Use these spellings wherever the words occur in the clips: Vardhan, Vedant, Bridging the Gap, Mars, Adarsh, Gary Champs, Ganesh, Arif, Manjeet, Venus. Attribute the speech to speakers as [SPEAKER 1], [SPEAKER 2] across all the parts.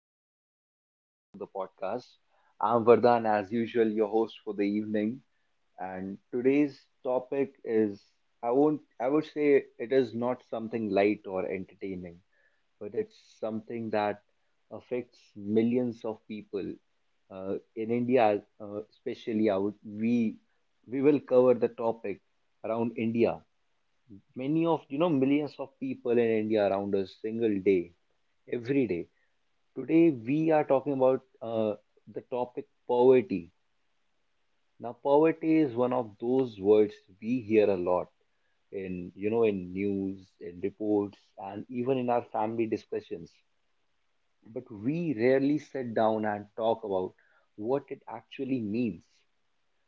[SPEAKER 1] everyone, and welcome back to the podcast. I'm Vardhan, as usual, your host for the evening. And today's topic is— I won't, I would say it is not something light or entertaining, but it's something that affects millions of people. In India, especially, we will cover the topic around India. Many of you know millions of people in India around us single day, every day. Today, we are talking about the topic poverty. Now, poverty is one of those words we hear a lot in, you know, in news, in reports, and even in our family discussions. But we rarely sit down and talk about what it actually means,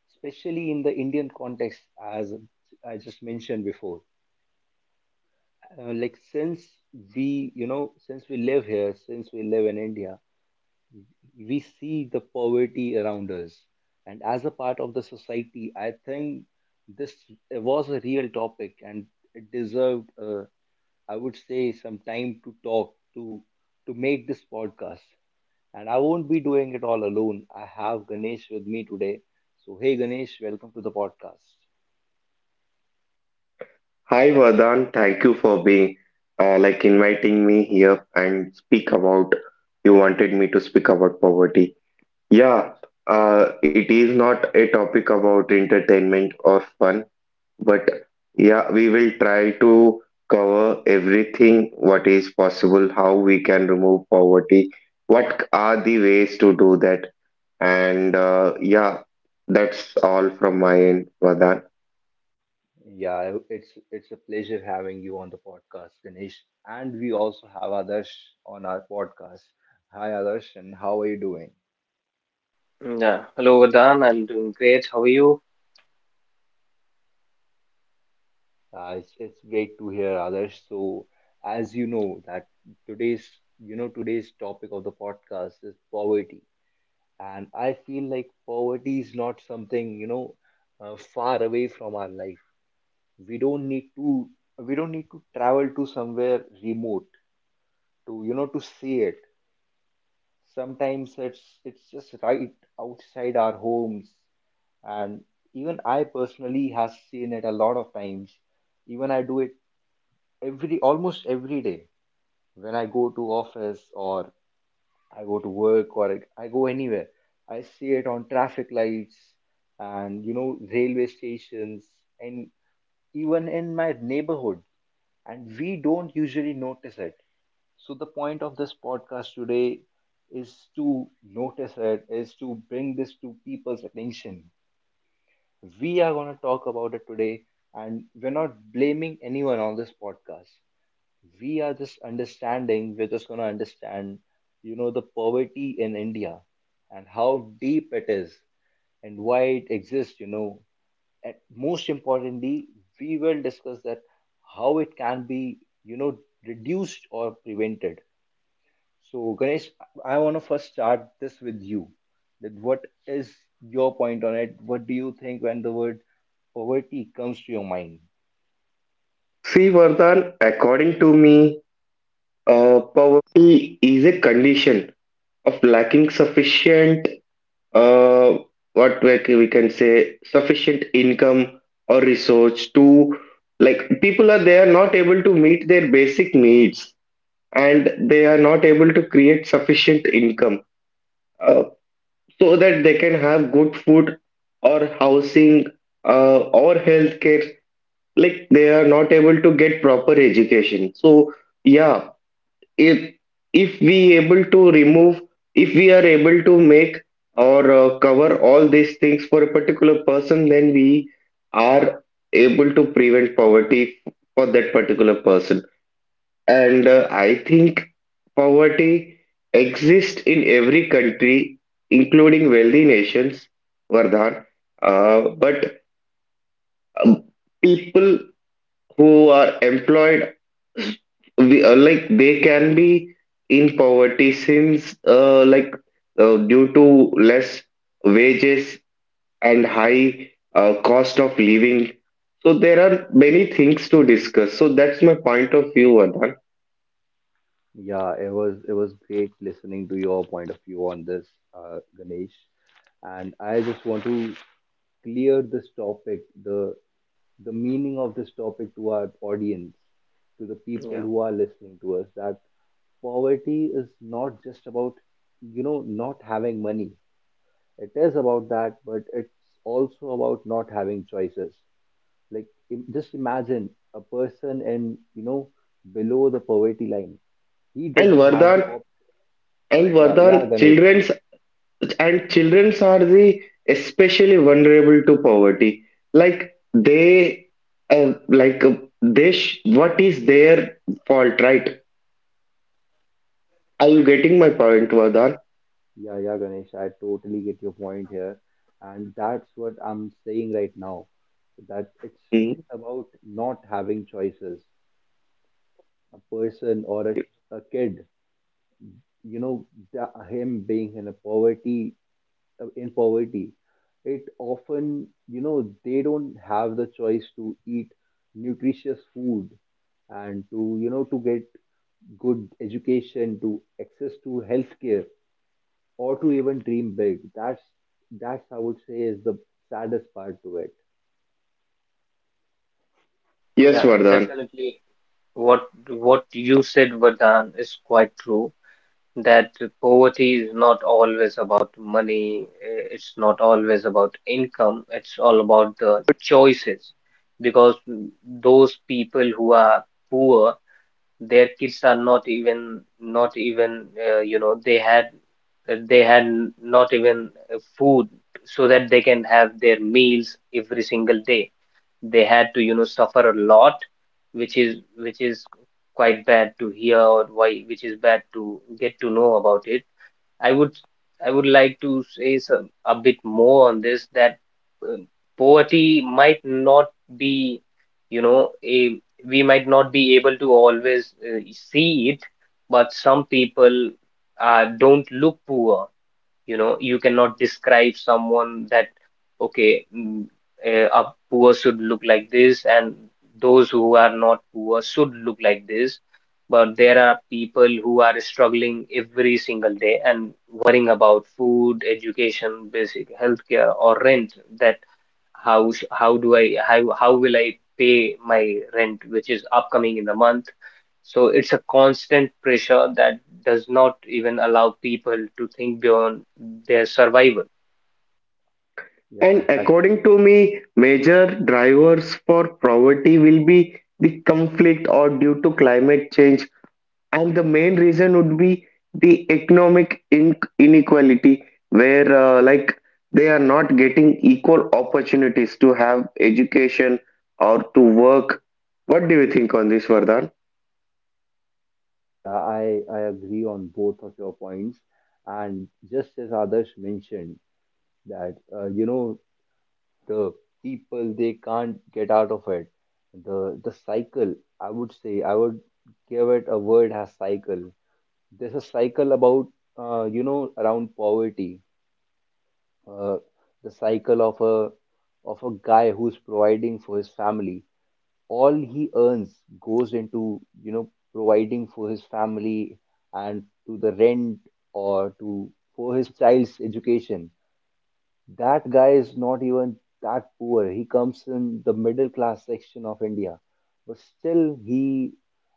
[SPEAKER 1] especially in the Indian context, as I just mentioned before. Like since since we live here, since we live in India, we see the poverty around us. And as a part of the society, I think this was a real topic and it deserved, I would say, some time to talk to— to make this podcast. And I won't be doing it all alone. I have Ganesh with me today. So hey Ganesh, welcome to the podcast.
[SPEAKER 2] Hi Vardhan, thank you for being like inviting me here and speak about you wanted me to speak about poverty. Yeah, it is not a topic about entertainment or fun, but yeah, we will try to cover everything what is possible, how we can remove poverty, what are the ways to do that, and yeah, that's all from my end, Vardhan.
[SPEAKER 1] Yeah, it's a pleasure having you on the podcast, Ganesh. And we also have Adarsh on our podcast. Hi Adarsh, and how are you doing?
[SPEAKER 3] Yeah, hello Vardhan. I'm doing great. How are you?
[SPEAKER 1] It's great to hear others. So, as you know, that today's you know today's topic of the podcast is poverty, and I feel like poverty is not something, far away from our life. We don't need to— we don't need to travel to somewhere remote to, you know, to see it. Sometimes it's just right outside our homes, and even I personally has seen it a lot of times. Even I do it every— almost every day, when I go to office or I go to work or I go anywhere, I see it on traffic lights and you know railway stations and even in my neighborhood. And we don't usually notice it. So the point of this podcast today is to notice it, is to bring this to people's attention. We are going to talk about it today, and we're not blaming anyone on this podcast. We're just going to understand, you know, the poverty in India and how deep it is and why it exists, you know, and most importantly, we will discuss that how it can be, you know, reduced or prevented. So Ganesh, I want to first start this with you, that what is your point on it? What do you think when the word poverty comes to your mind?
[SPEAKER 2] See, Vardhan, according to me. Poverty is a condition of lacking sufficient, uh, what we can say, sufficient income or resource to, like, people are they are not able to meet their basic needs and they are not able to create sufficient income uh, so that they can have good food or housing, uh, or healthcare. Like, they are not able to get proper education. So, yeah, if if we able to remove, if we are able to make or cover all these things for a particular person, then we are able to prevent poverty for that particular person. And I think poverty exists in every country, including wealthy nations, Vardhan. Uh, but um, people who are employed, we like they can be in poverty since due to less wages and high cost of living. So there are many things to discuss, so that's my point of view, Vardhan.
[SPEAKER 1] Yeah, it was great listening to your point of view on this, Ganesh. And I just want to clear this topic, the meaning of this topic to our audience, to the people
[SPEAKER 3] Yeah,
[SPEAKER 1] who are listening to us, that poverty is not just about, you know, not having money. It is about that, but it's also about not having choices. Like just imagine a person in, you know, below the poverty line, he
[SPEAKER 2] And
[SPEAKER 1] doesn't have
[SPEAKER 2] Vardhan,
[SPEAKER 1] the—
[SPEAKER 2] and
[SPEAKER 1] yeah,
[SPEAKER 2] vardhan
[SPEAKER 1] yeah, Ganesh, please.
[SPEAKER 2] children's, and children's are the especially vulnerable to poverty. Like they uh, like they sh- what is their fault, right? Are you getting my point, Vardhan?
[SPEAKER 1] Yeah, yeah, Ganesh, I totally get your point here. And that's what I'm saying right now. That it's— it's
[SPEAKER 2] Hmm.
[SPEAKER 1] about not having choices. A person or a kid, you know, him being in a poverty, in poverty, it often, you know, they don't have the choice to eat nutritious food and to, you know, to get good education, to access to healthcare, or to even dream big. That's— that's I would say is the saddest part to it.
[SPEAKER 2] Yes,
[SPEAKER 3] yeah,
[SPEAKER 2] Vardhan.
[SPEAKER 3] Definitely. What what you said, Vardhan, is quite true. That poverty is not always about money. It's not always about income. It's all about the choices, because those people who are poor. Their kids are not even, you know, not even food so that they can have their meals every single day. They had to, you know, suffer a lot, which is quite bad to hear, or why which is bad to get to know about it. I would like to say a bit more on this, that um, poverty might not be, you know, a we might not be able to always see it, but some people don't look poor. You know, you cannot describe someone that, okay, a poor should look like this, and those who are not poor should look like this. But there are people who are struggling every single day and worrying about food, education, basic healthcare, or rent. That how sh- how do I how will I pay my rent, which is upcoming in the month? So it's a constant pressure that does not even allow people to think beyond their survival.
[SPEAKER 1] Yeah,
[SPEAKER 2] And
[SPEAKER 1] exactly.
[SPEAKER 2] according to me, major drivers for poverty will be the conflict or due to climate change. And the main reason would be the economic in inequality, where, like, they are not getting equal opportunities to have education or to work. What do you think on this, Vardhan?
[SPEAKER 1] Yeah, I agree on both of your points, and just as others mentioned that you know the people they can't get out of it. The cycle, I would say, I would give it a word as cycle. There's a cycle about you know around poverty, uh, the cycle of a— of a guy who's providing for his family, all he earns goes into, you know, providing for his family and to the rent or to for his child's education. That guy is not even that poor, he comes in the middle class section of India, but still he,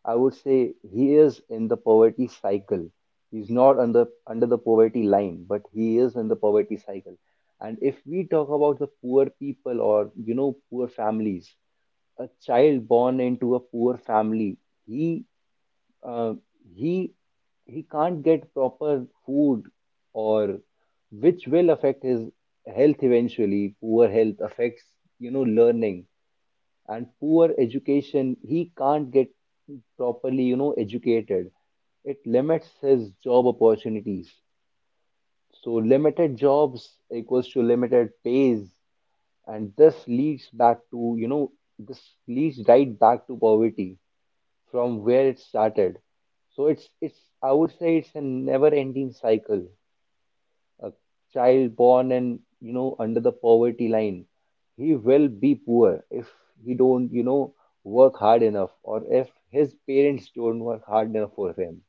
[SPEAKER 1] I would say, he is in the poverty cycle. He's not under the poverty line, but he is in the poverty cycle. And if we talk about the poor people, or you know, poor families, a child born into a poor family, he, uh, he he can't get proper food, or which will affect his health. Eventually poor health affects, you know, learning, and poor education— he can't get properly, you know, educated. It limits his job opportunities. So limited jobs equals to limited pays, and this leads back to, you know, this leads right back to poverty from where it started. So it's I would say it's a never-ending cycle. A child born and you know under the poverty line, he will be poor if he don't, you know, work hard enough, or if his parents don't work hard enough for him.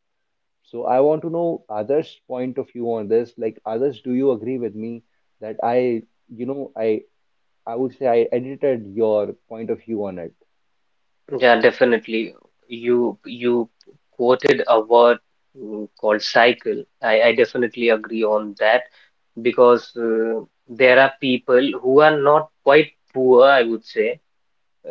[SPEAKER 1] So I want to know others' point of view on this. Like others, do you agree with me that I you know I would say I edited your point of view on it.
[SPEAKER 3] Yeah, definitely. You quoted a word, called cycle. I definitely agree on that because there are people who are not quite poor, I would say.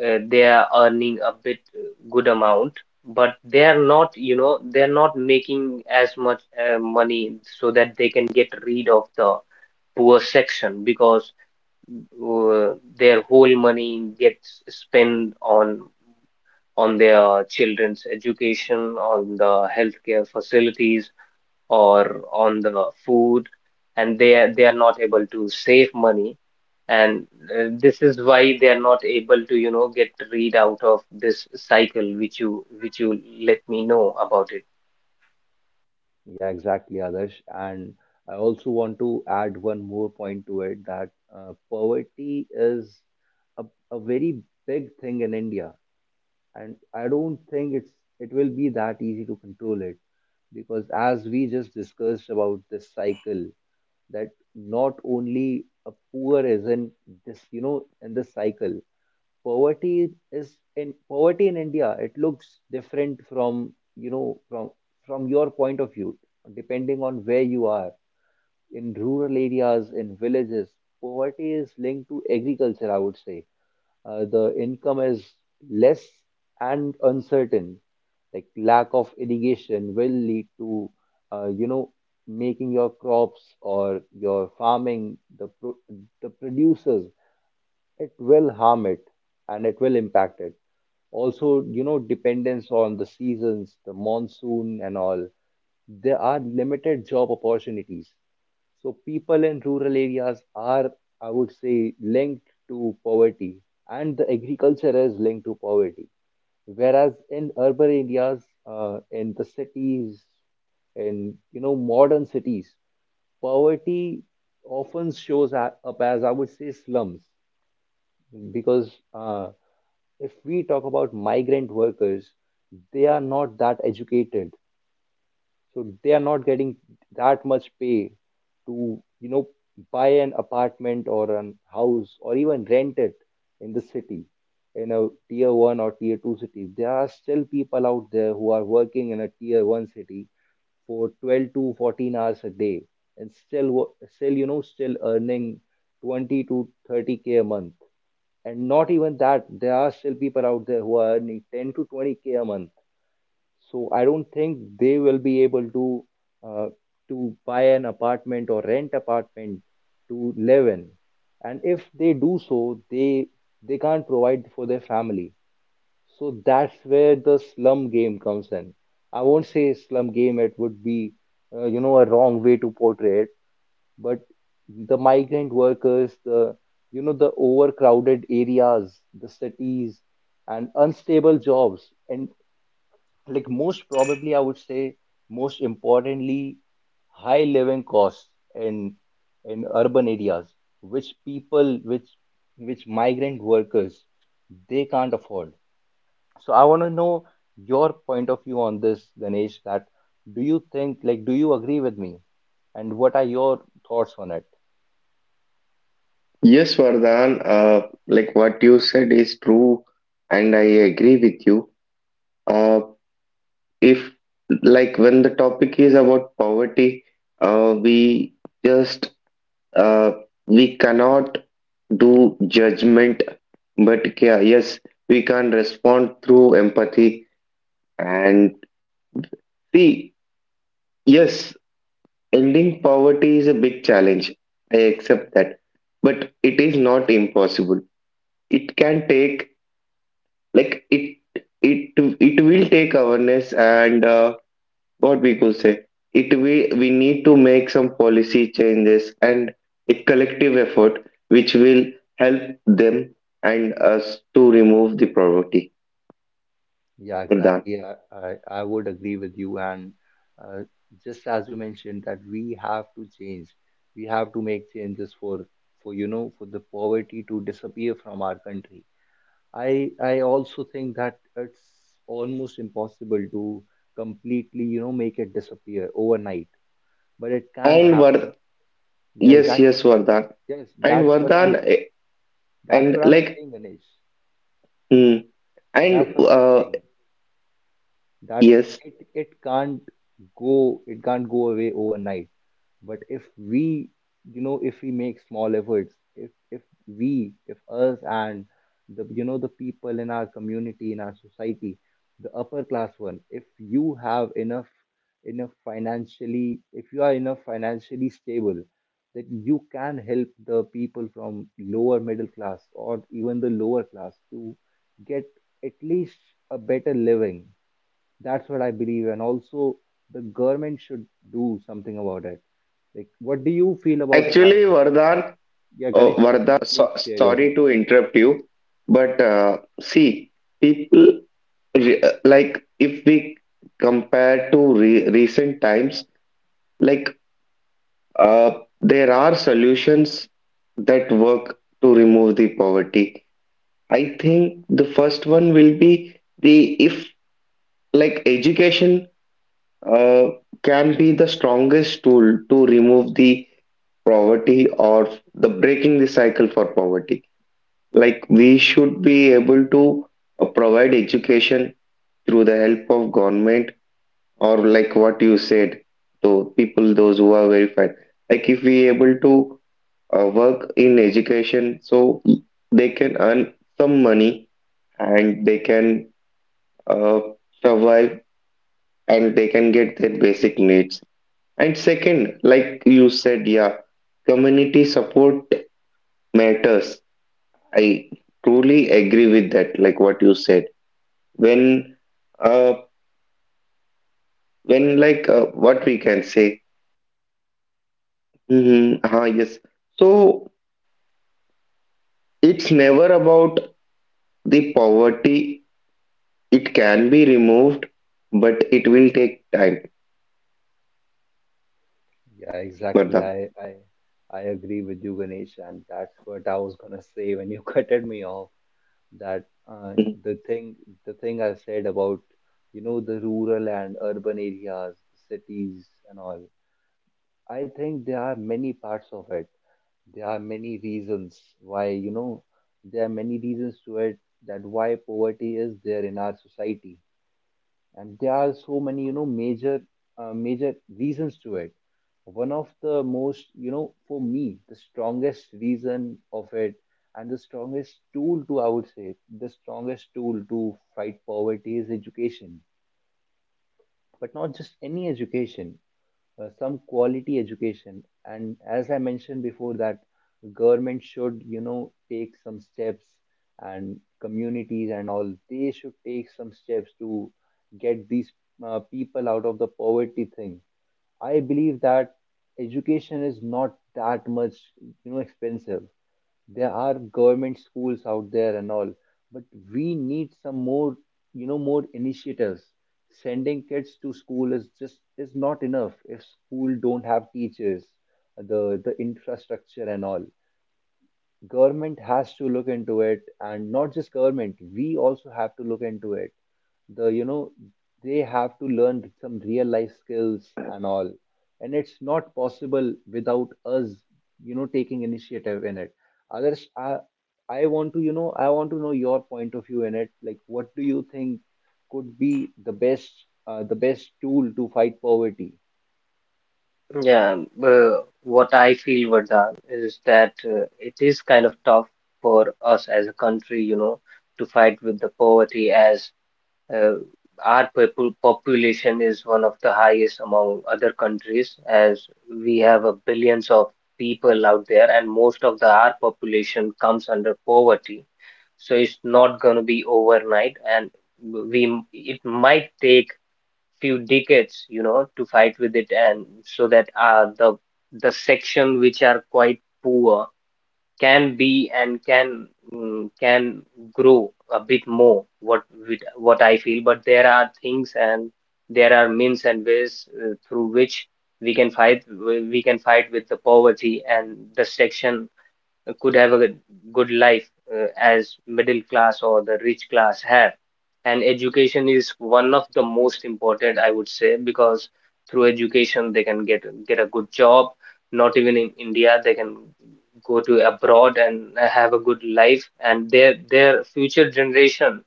[SPEAKER 3] They are earning a bit good amount, but they are not, you know, they're not making as much money so that they can get rid of the poor section, because uh, their whole money gets spent on their children's education, on the healthcare facilities, or on the food, and they are not able to save money, and this is why they are not able to, you know, get read out of this cycle which you let me know about it.
[SPEAKER 1] Yeah, exactly, Adarsh. And I also want to add one more point to it, that poverty is a, a very big thing in India, and I don't think it's— it will be that easy to control it, because as we just discussed about this cycle, that not only a poor is in this, you know, in this cycle. Poverty is in— poverty in India, it looks different from, from your point of view, depending on where you are. In rural areas, in villages, poverty is linked to agriculture, I would say. The income is less and uncertain. Like lack of irrigation will lead to, you know, making your crops or your farming, the producers, it will harm it and it will impact it. Also, you know, dependence on the seasons, the monsoon, and all, there are limited job opportunities. So people in rural areas are, I would say, linked to poverty, and the agriculture is linked to poverty. Whereas in urban areas, in the cities, in you know modern cities, poverty often shows up as, I would say, slums. Because if we talk about migrant workers, they are not that educated, so they are not getting that much pay to, you know, buy an apartment or an house or even rent it in the city, in a tier one or tier two city. There are still people out there who are working in a tier one city for 12 to 14 hours a day, and still still, you know, still earning 20 to 30k a month. And not even that, there are still people out there who are earning 10 to 20k a month. So I don't think they will be able to, uh, to buy an apartment or rent apartment to live in. And if they do so, they— they can't provide for their family. So that's where the slum game comes in. I won't say slum game, it would be, you know, a wrong way to portray it. But the migrant workers, the, you know, the overcrowded areas, the cities, and unstable jobs, and like most probably, I would say, most importantly, high living costs in— in urban areas, which people, which migrant workers, they can't afford. So I want to know your point of view on this, Ganesh, that— do you think, like, do you agree with me, and what are your thoughts on it?
[SPEAKER 2] Yes, Vardhan, like what you said is true, and I agree with you. Uh, if, like, when the topic is about poverty, uh, we just uh, we cannot do judgment, but yeah, yes, we can respond through empathy. And see, yes, ending poverty is a big challenge. I accept that, but it is not impossible. It can take, like it it will take awareness and, what we could say, it we need to make some policy changes and a collective effort which will help them and us to remove the poverty,
[SPEAKER 1] Yeah,
[SPEAKER 2] Vardhan.
[SPEAKER 1] exactly. I would agree with you. And uh, just as you mentioned that we have to change, we have to make changes for— for you know for the poverty to disappear from our country. I also think that it's almost impossible to completely, you know, make it disappear overnight, but it can
[SPEAKER 2] And
[SPEAKER 1] happen.
[SPEAKER 2] Vard
[SPEAKER 1] Yeah,
[SPEAKER 2] yes yes
[SPEAKER 1] exactly.
[SPEAKER 2] vardhan
[SPEAKER 1] Yes,
[SPEAKER 2] and vardhan eh,
[SPEAKER 1] that's
[SPEAKER 2] and
[SPEAKER 1] what I'm
[SPEAKER 2] like
[SPEAKER 1] saying, Ganesh.
[SPEAKER 2] hmm, and
[SPEAKER 1] That's what I'm saying. That
[SPEAKER 2] yes
[SPEAKER 1] it can't go— it can't go away overnight, but if we, you know, if we make small efforts, if— if we if us and the, you know, the people in our community, in our society, the upper class one, if you have enough— enough financially, if you are enough financially stable, that you can help the people from lower middle class or even the lower class to get at least a better living. That's what I believe, and also the government should do something about it. Like, what do you feel about it, Arif?
[SPEAKER 2] Actually, Vardhan,
[SPEAKER 1] Yeah, Ganesh, please, please
[SPEAKER 2] so,
[SPEAKER 1] share your
[SPEAKER 2] sorry
[SPEAKER 1] point.
[SPEAKER 2] to interrupt you, but see, people, like, if we compare to re recent times, like, uh, there are solutions that work to remove the poverty. I think the first one will be the if like education uh, can be the strongest tool to remove the poverty or the breaking the cycle for poverty. Like, we should be able to provide education through the help of government, or like what you said, to people those who are very fat. Like if we able to work in education, so they can earn some money and they can uh, survive and they can get their basic needs. And second, like you said, yeah, community support matters. I truly agree with that. Like what you said, when uh when like what we can say mm-hmm, uh-huh, yes. So it's never about the poverty. It can be removed, but it will take time,
[SPEAKER 1] Yeah, exactly.
[SPEAKER 2] Vardhan.
[SPEAKER 1] I agree with you, Ganesh, and that's what I was gonna say when you cutted me off. That
[SPEAKER 2] Mhm.
[SPEAKER 1] the thing, the thing I said about, the rural and urban areas, the cities and all. I think there are many parts of it. There are many reasons why, there are many reasons to it that why poverty is there in our society. And there are so many, major reasons to it. One of the most, for me, the strongest reason of it and the strongest tool to fight poverty is education, but not just any education, some quality education. And as I mentioned before, that government should, take some steps, and communities and all, they should take some steps to get these people out of the poverty thing. I believe that education is not that much, expensive. There are government schools out there and all, but we need some more, more initiatives. Sending kids to school is just is not enough if school don't have teachers, the infrastructure and all. Government has to look into it, and not just government, we also have to look into it. The, you know, they have to learn some real life skills and all. And it's not possible without us, taking initiative in it. Others, I, I want to, I want to know your point of view in it. Like, what do you think could be the best tool to fight poverty?
[SPEAKER 3] Yeah. uh, what I feel, Vardhan, is that it is kind of tough for us as a country, you know, to fight with the poverty. As Uh, our people population is one of the highest among other countries, as we have a billions of people out there, and most of the our population comes under poverty. So it's not going to be overnight, and we it might take few decades, you know, to fight with it, and so that the section which are quite poor can be and can grow a bit more, what with what I feel. But there are things and there are means and ways through which we can fight with the poverty, and destruction could have a good life as middle class or the rich class have. And education is one of the most important, I would say, because through education they can get a good job. Not even in India, they can go to abroad and have a good life, and their future generation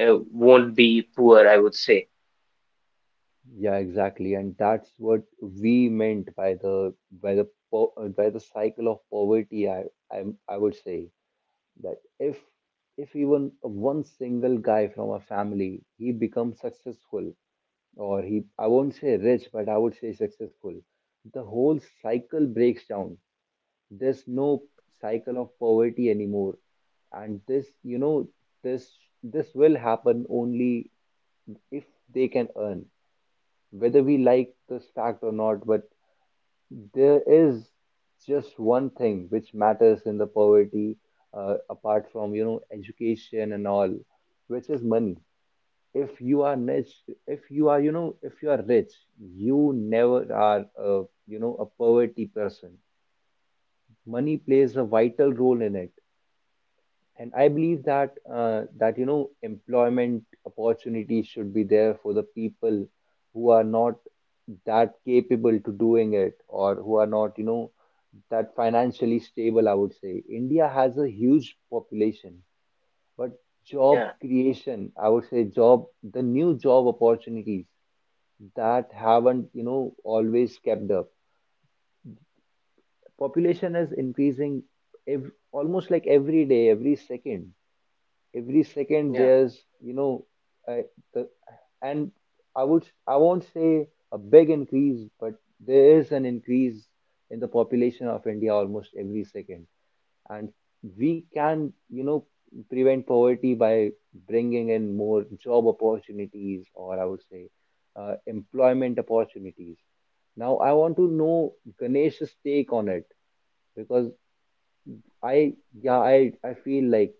[SPEAKER 3] won't be poor, I would say.
[SPEAKER 1] Yeah, exactly, and that's what we meant by the by the by the cycle of poverty. I would say that if even one single guy from a family he becomes successful, or he I won't say rich, but I would say successful, the whole cycle breaks down. There's no cycle of poverty anymore, and this this this will happen only if they can earn, whether we like this fact or not. But there is just one thing which matters in the poverty, apart from education and all, which is money. If you are rich, if you are if you are rich, you never are a a poverty person. Money plays a vital role in it. And I believe that employment opportunities should be there for the people who are not that capable to doing it, or who are not that financially stable. I would say India has a huge population, but job
[SPEAKER 3] Yeah,
[SPEAKER 1] creation, I would say job the new job opportunities that haven't always kept up. Population is increasing almost like every day, every second
[SPEAKER 3] yeah,
[SPEAKER 1] there's you know uh, the, and I won't say a big increase, but there is an increase in the population of India almost every second. And we can, prevent poverty by bringing in more job opportunities, or I would say employment opportunities. Now I want to know Ganesh's take on it, because I yeah I feel like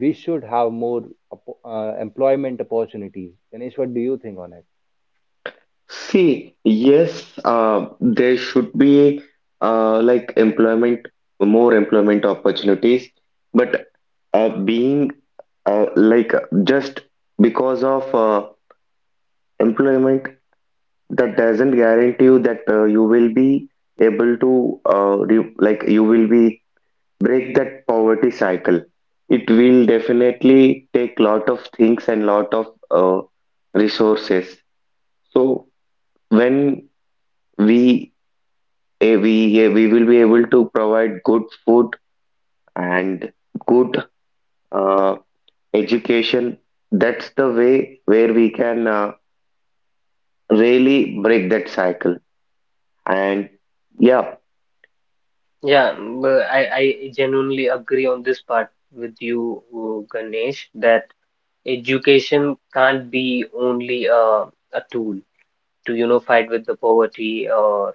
[SPEAKER 1] we should have more employment opportunities. Ganesh, what do you think on it?
[SPEAKER 2] See, yes, uh, there should be, like, employment, more employment opportunities, but being like just because of employment, that doesn't guarantee you that you will be able to re like you will be break that poverty cycle. It will definitely take lot of things and lot of resources. So when we we will be able to provide good food and good uh, education, that's the way where we can really break that cycle. And yeah,
[SPEAKER 3] yeah. But I genuinely agree on this part with you, Ganesh, that education can't be only a tool to, you know, fight with the poverty, or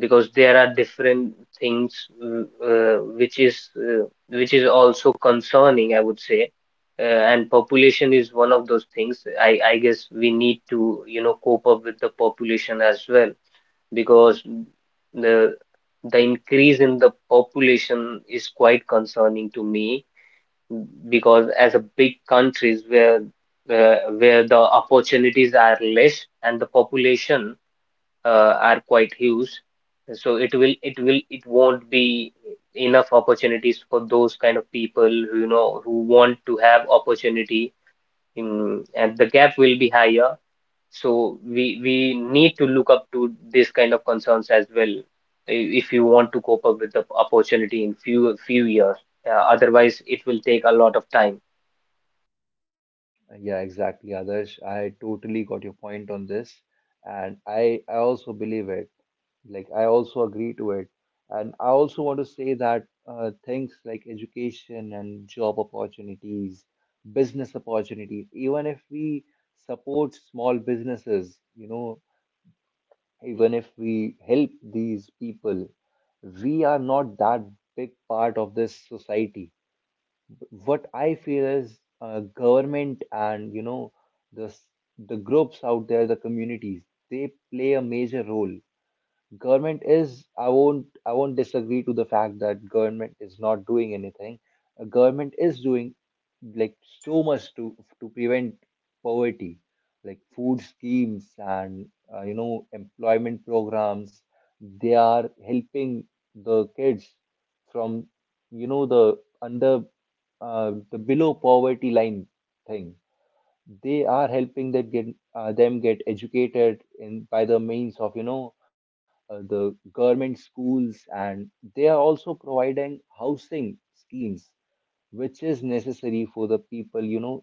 [SPEAKER 3] because there are different things, which is also concerning, I would say. And population is one of those things. I guess we need to, you know, cope up with the population as well, because the the increase in the population is quite concerning to me, because as a big countries where the opportunities are less and the population are quite huge, so it will it won't be enough opportunities for those kind of people who, you know, who want to have opportunity in, and the gap will be higher. So we need to look up to this kind of concerns as well, I- if you want to cope up with the opportunity in few years. Otherwise it will take a lot of time.
[SPEAKER 1] Yeah, exactly, Adarsh. I totally got your point on this, and I also believe it. Like, I also agree to it, and I also want to say that things like education and job opportunities, business opportunities, even if we support small businesses, even if we help these people, we are not that big part of this society. What I feel is government and the s- the groups out there, the communities, they play a major role. Government is, I won't disagree to the fact that government is not doing anything. Government is doing like so much to prevent poverty, like food schemes and employment programs. They are helping the kids from you know the under the below poverty line thing. They are helping them get educated in by the means of the government schools. And they are also providing housing schemes, which is necessary for the people,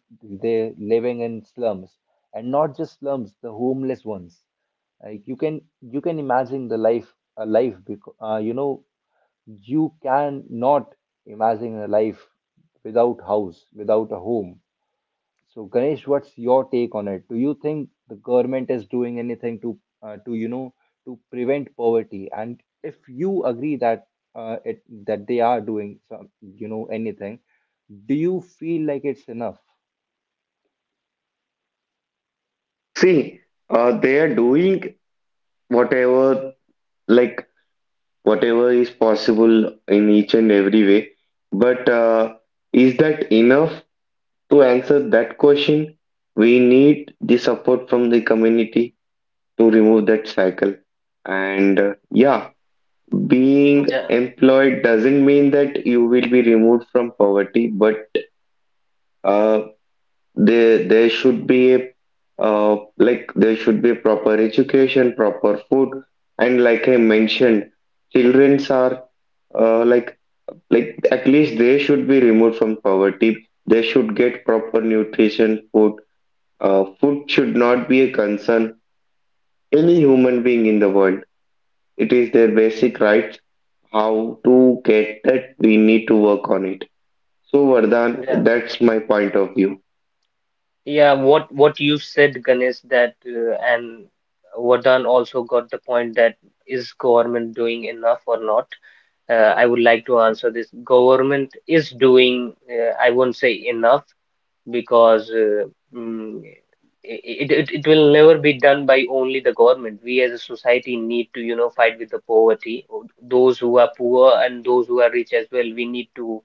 [SPEAKER 1] they're living in slums, and not just slums, the homeless ones. Like, you can imagine the life a life, because you can not imagine a life without house, without a home. So, Ganesh, what's your take on it? Do you think the government is doing anything to to prevent poverty? And if you agree that it that they are doing some, anything, do you feel like it's enough?
[SPEAKER 2] see, they are doing whatever, like whatever is possible in each and every way. But is that enough to answer that question? We need the support from the community to remove that cycle. And yeah, being
[SPEAKER 3] Yeah,
[SPEAKER 2] employed doesn't mean that you will be removed from poverty, but uh, there should be a, there should be a proper education, proper food, and like I mentioned, childrens are, uh, like like at least they should be removed from poverty. They should get proper nutrition, food. Food should not be a concern. Any human being in the world, it is their basic right. How to get that? We need to work on it. So Vardhan,
[SPEAKER 3] yeah,
[SPEAKER 2] that's my point of view.
[SPEAKER 3] yeah. What you said, Ganesh, that and Vardhan also got the point, that is government doing enough or not? I would like to answer this. Government is doing, I won't say enough, because mm, it will never be done by only the government. We as a society need to, you know, fight with the poverty. Those who are poor and those who are rich as well, we need to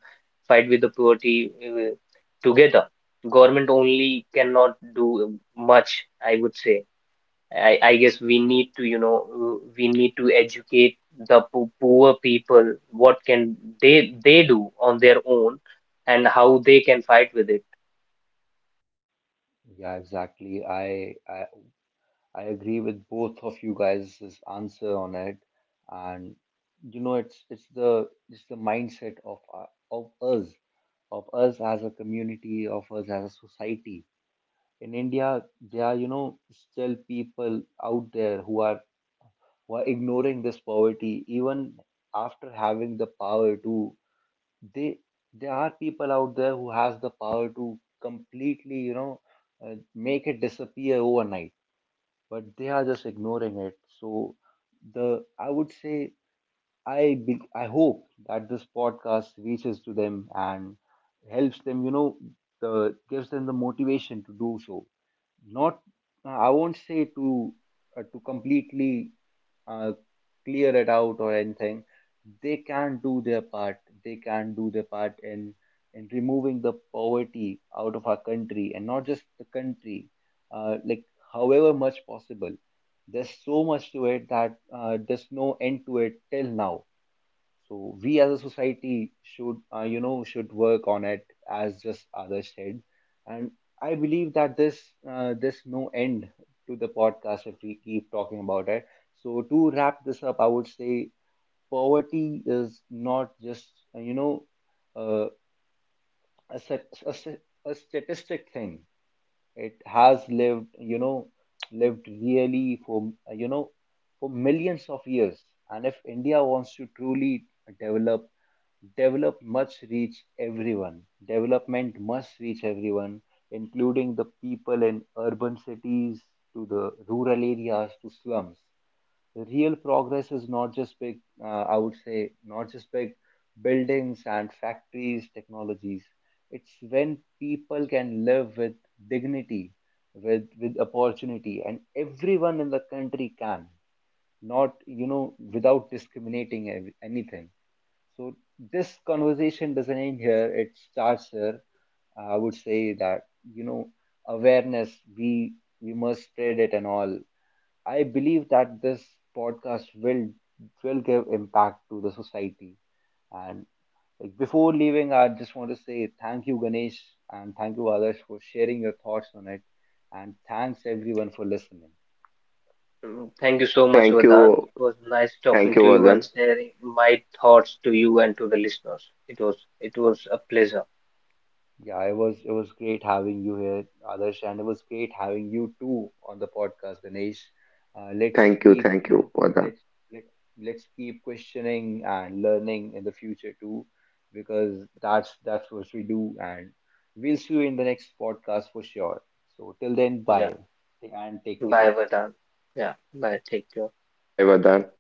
[SPEAKER 3] fight with the poverty together. Government only cannot do much, I would say. I guess we need to, you know, we need to educate the poor people, what can they do on their own and how they can fight with it.
[SPEAKER 1] Yeah, exactly. I agree with both of you guys' answer on it. And, it's it's the mindset of us, of us as a community, of us as a society. In India, there are, still people out there who are ignoring this poverty even after having the power to, they, there are people out there who has the power to completely, make it disappear overnight, but they are just ignoring it. So the I would say, I hope that this podcast reaches to them and helps them, you know, the gives them the motivation to do so. Not I won't say to completely uh, clear it out or anything. They can do their part. They can do their part in removing the poverty out of our country, and not just the country. Like, however much possible, there's so much to it that there's no end to it till now. So we as a society should, should work on it, as just others said. And I believe that this no end to the podcast if we keep talking about it. So to wrap this up, I would say poverty is not just, uh, a statistic thing. It has lived, lived really for, for millions of years. And if India wants to truly develop, develop must reach everyone. Development must reach everyone, including the people in urban cities, to the rural areas, to slums. Real progress is not just big, not just big buildings and factories, technologies. It's when people can live with dignity, with opportunity, and everyone in the country can, not you know, without discriminating anything. So this conversation doesn't end here; it starts here. I would say that awareness we must spread it and all. I believe that this podcast will give impact to the society. And like, before leaving, I just want to say thank you, Ganesh, and thank you, Adarsh, for sharing your thoughts on it. And thanks everyone for listening.
[SPEAKER 3] Mm, thank you so much,
[SPEAKER 2] Thank
[SPEAKER 3] Vedant.
[SPEAKER 2] you,
[SPEAKER 3] It was nice
[SPEAKER 2] thank
[SPEAKER 3] talking
[SPEAKER 2] you,
[SPEAKER 3] to you and
[SPEAKER 2] Vardhan.
[SPEAKER 3] sharing my thoughts to you and to the listeners. It was a pleasure.
[SPEAKER 1] Yeah, it was great having you here, Adarsh, and it was great having you too on the podcast, Ganesh. Let's keep,
[SPEAKER 2] Thank you, Vardhan.
[SPEAKER 1] let's let let's keep questioning and learning in the future too, because that's what we do, and we'll see you in the next podcast for sure. So till then,
[SPEAKER 3] Yeah.
[SPEAKER 1] bye and take
[SPEAKER 3] Bye,
[SPEAKER 1] care.
[SPEAKER 3] Vedant. Yeah. Bye. Take care.
[SPEAKER 2] Bye, Vardhan.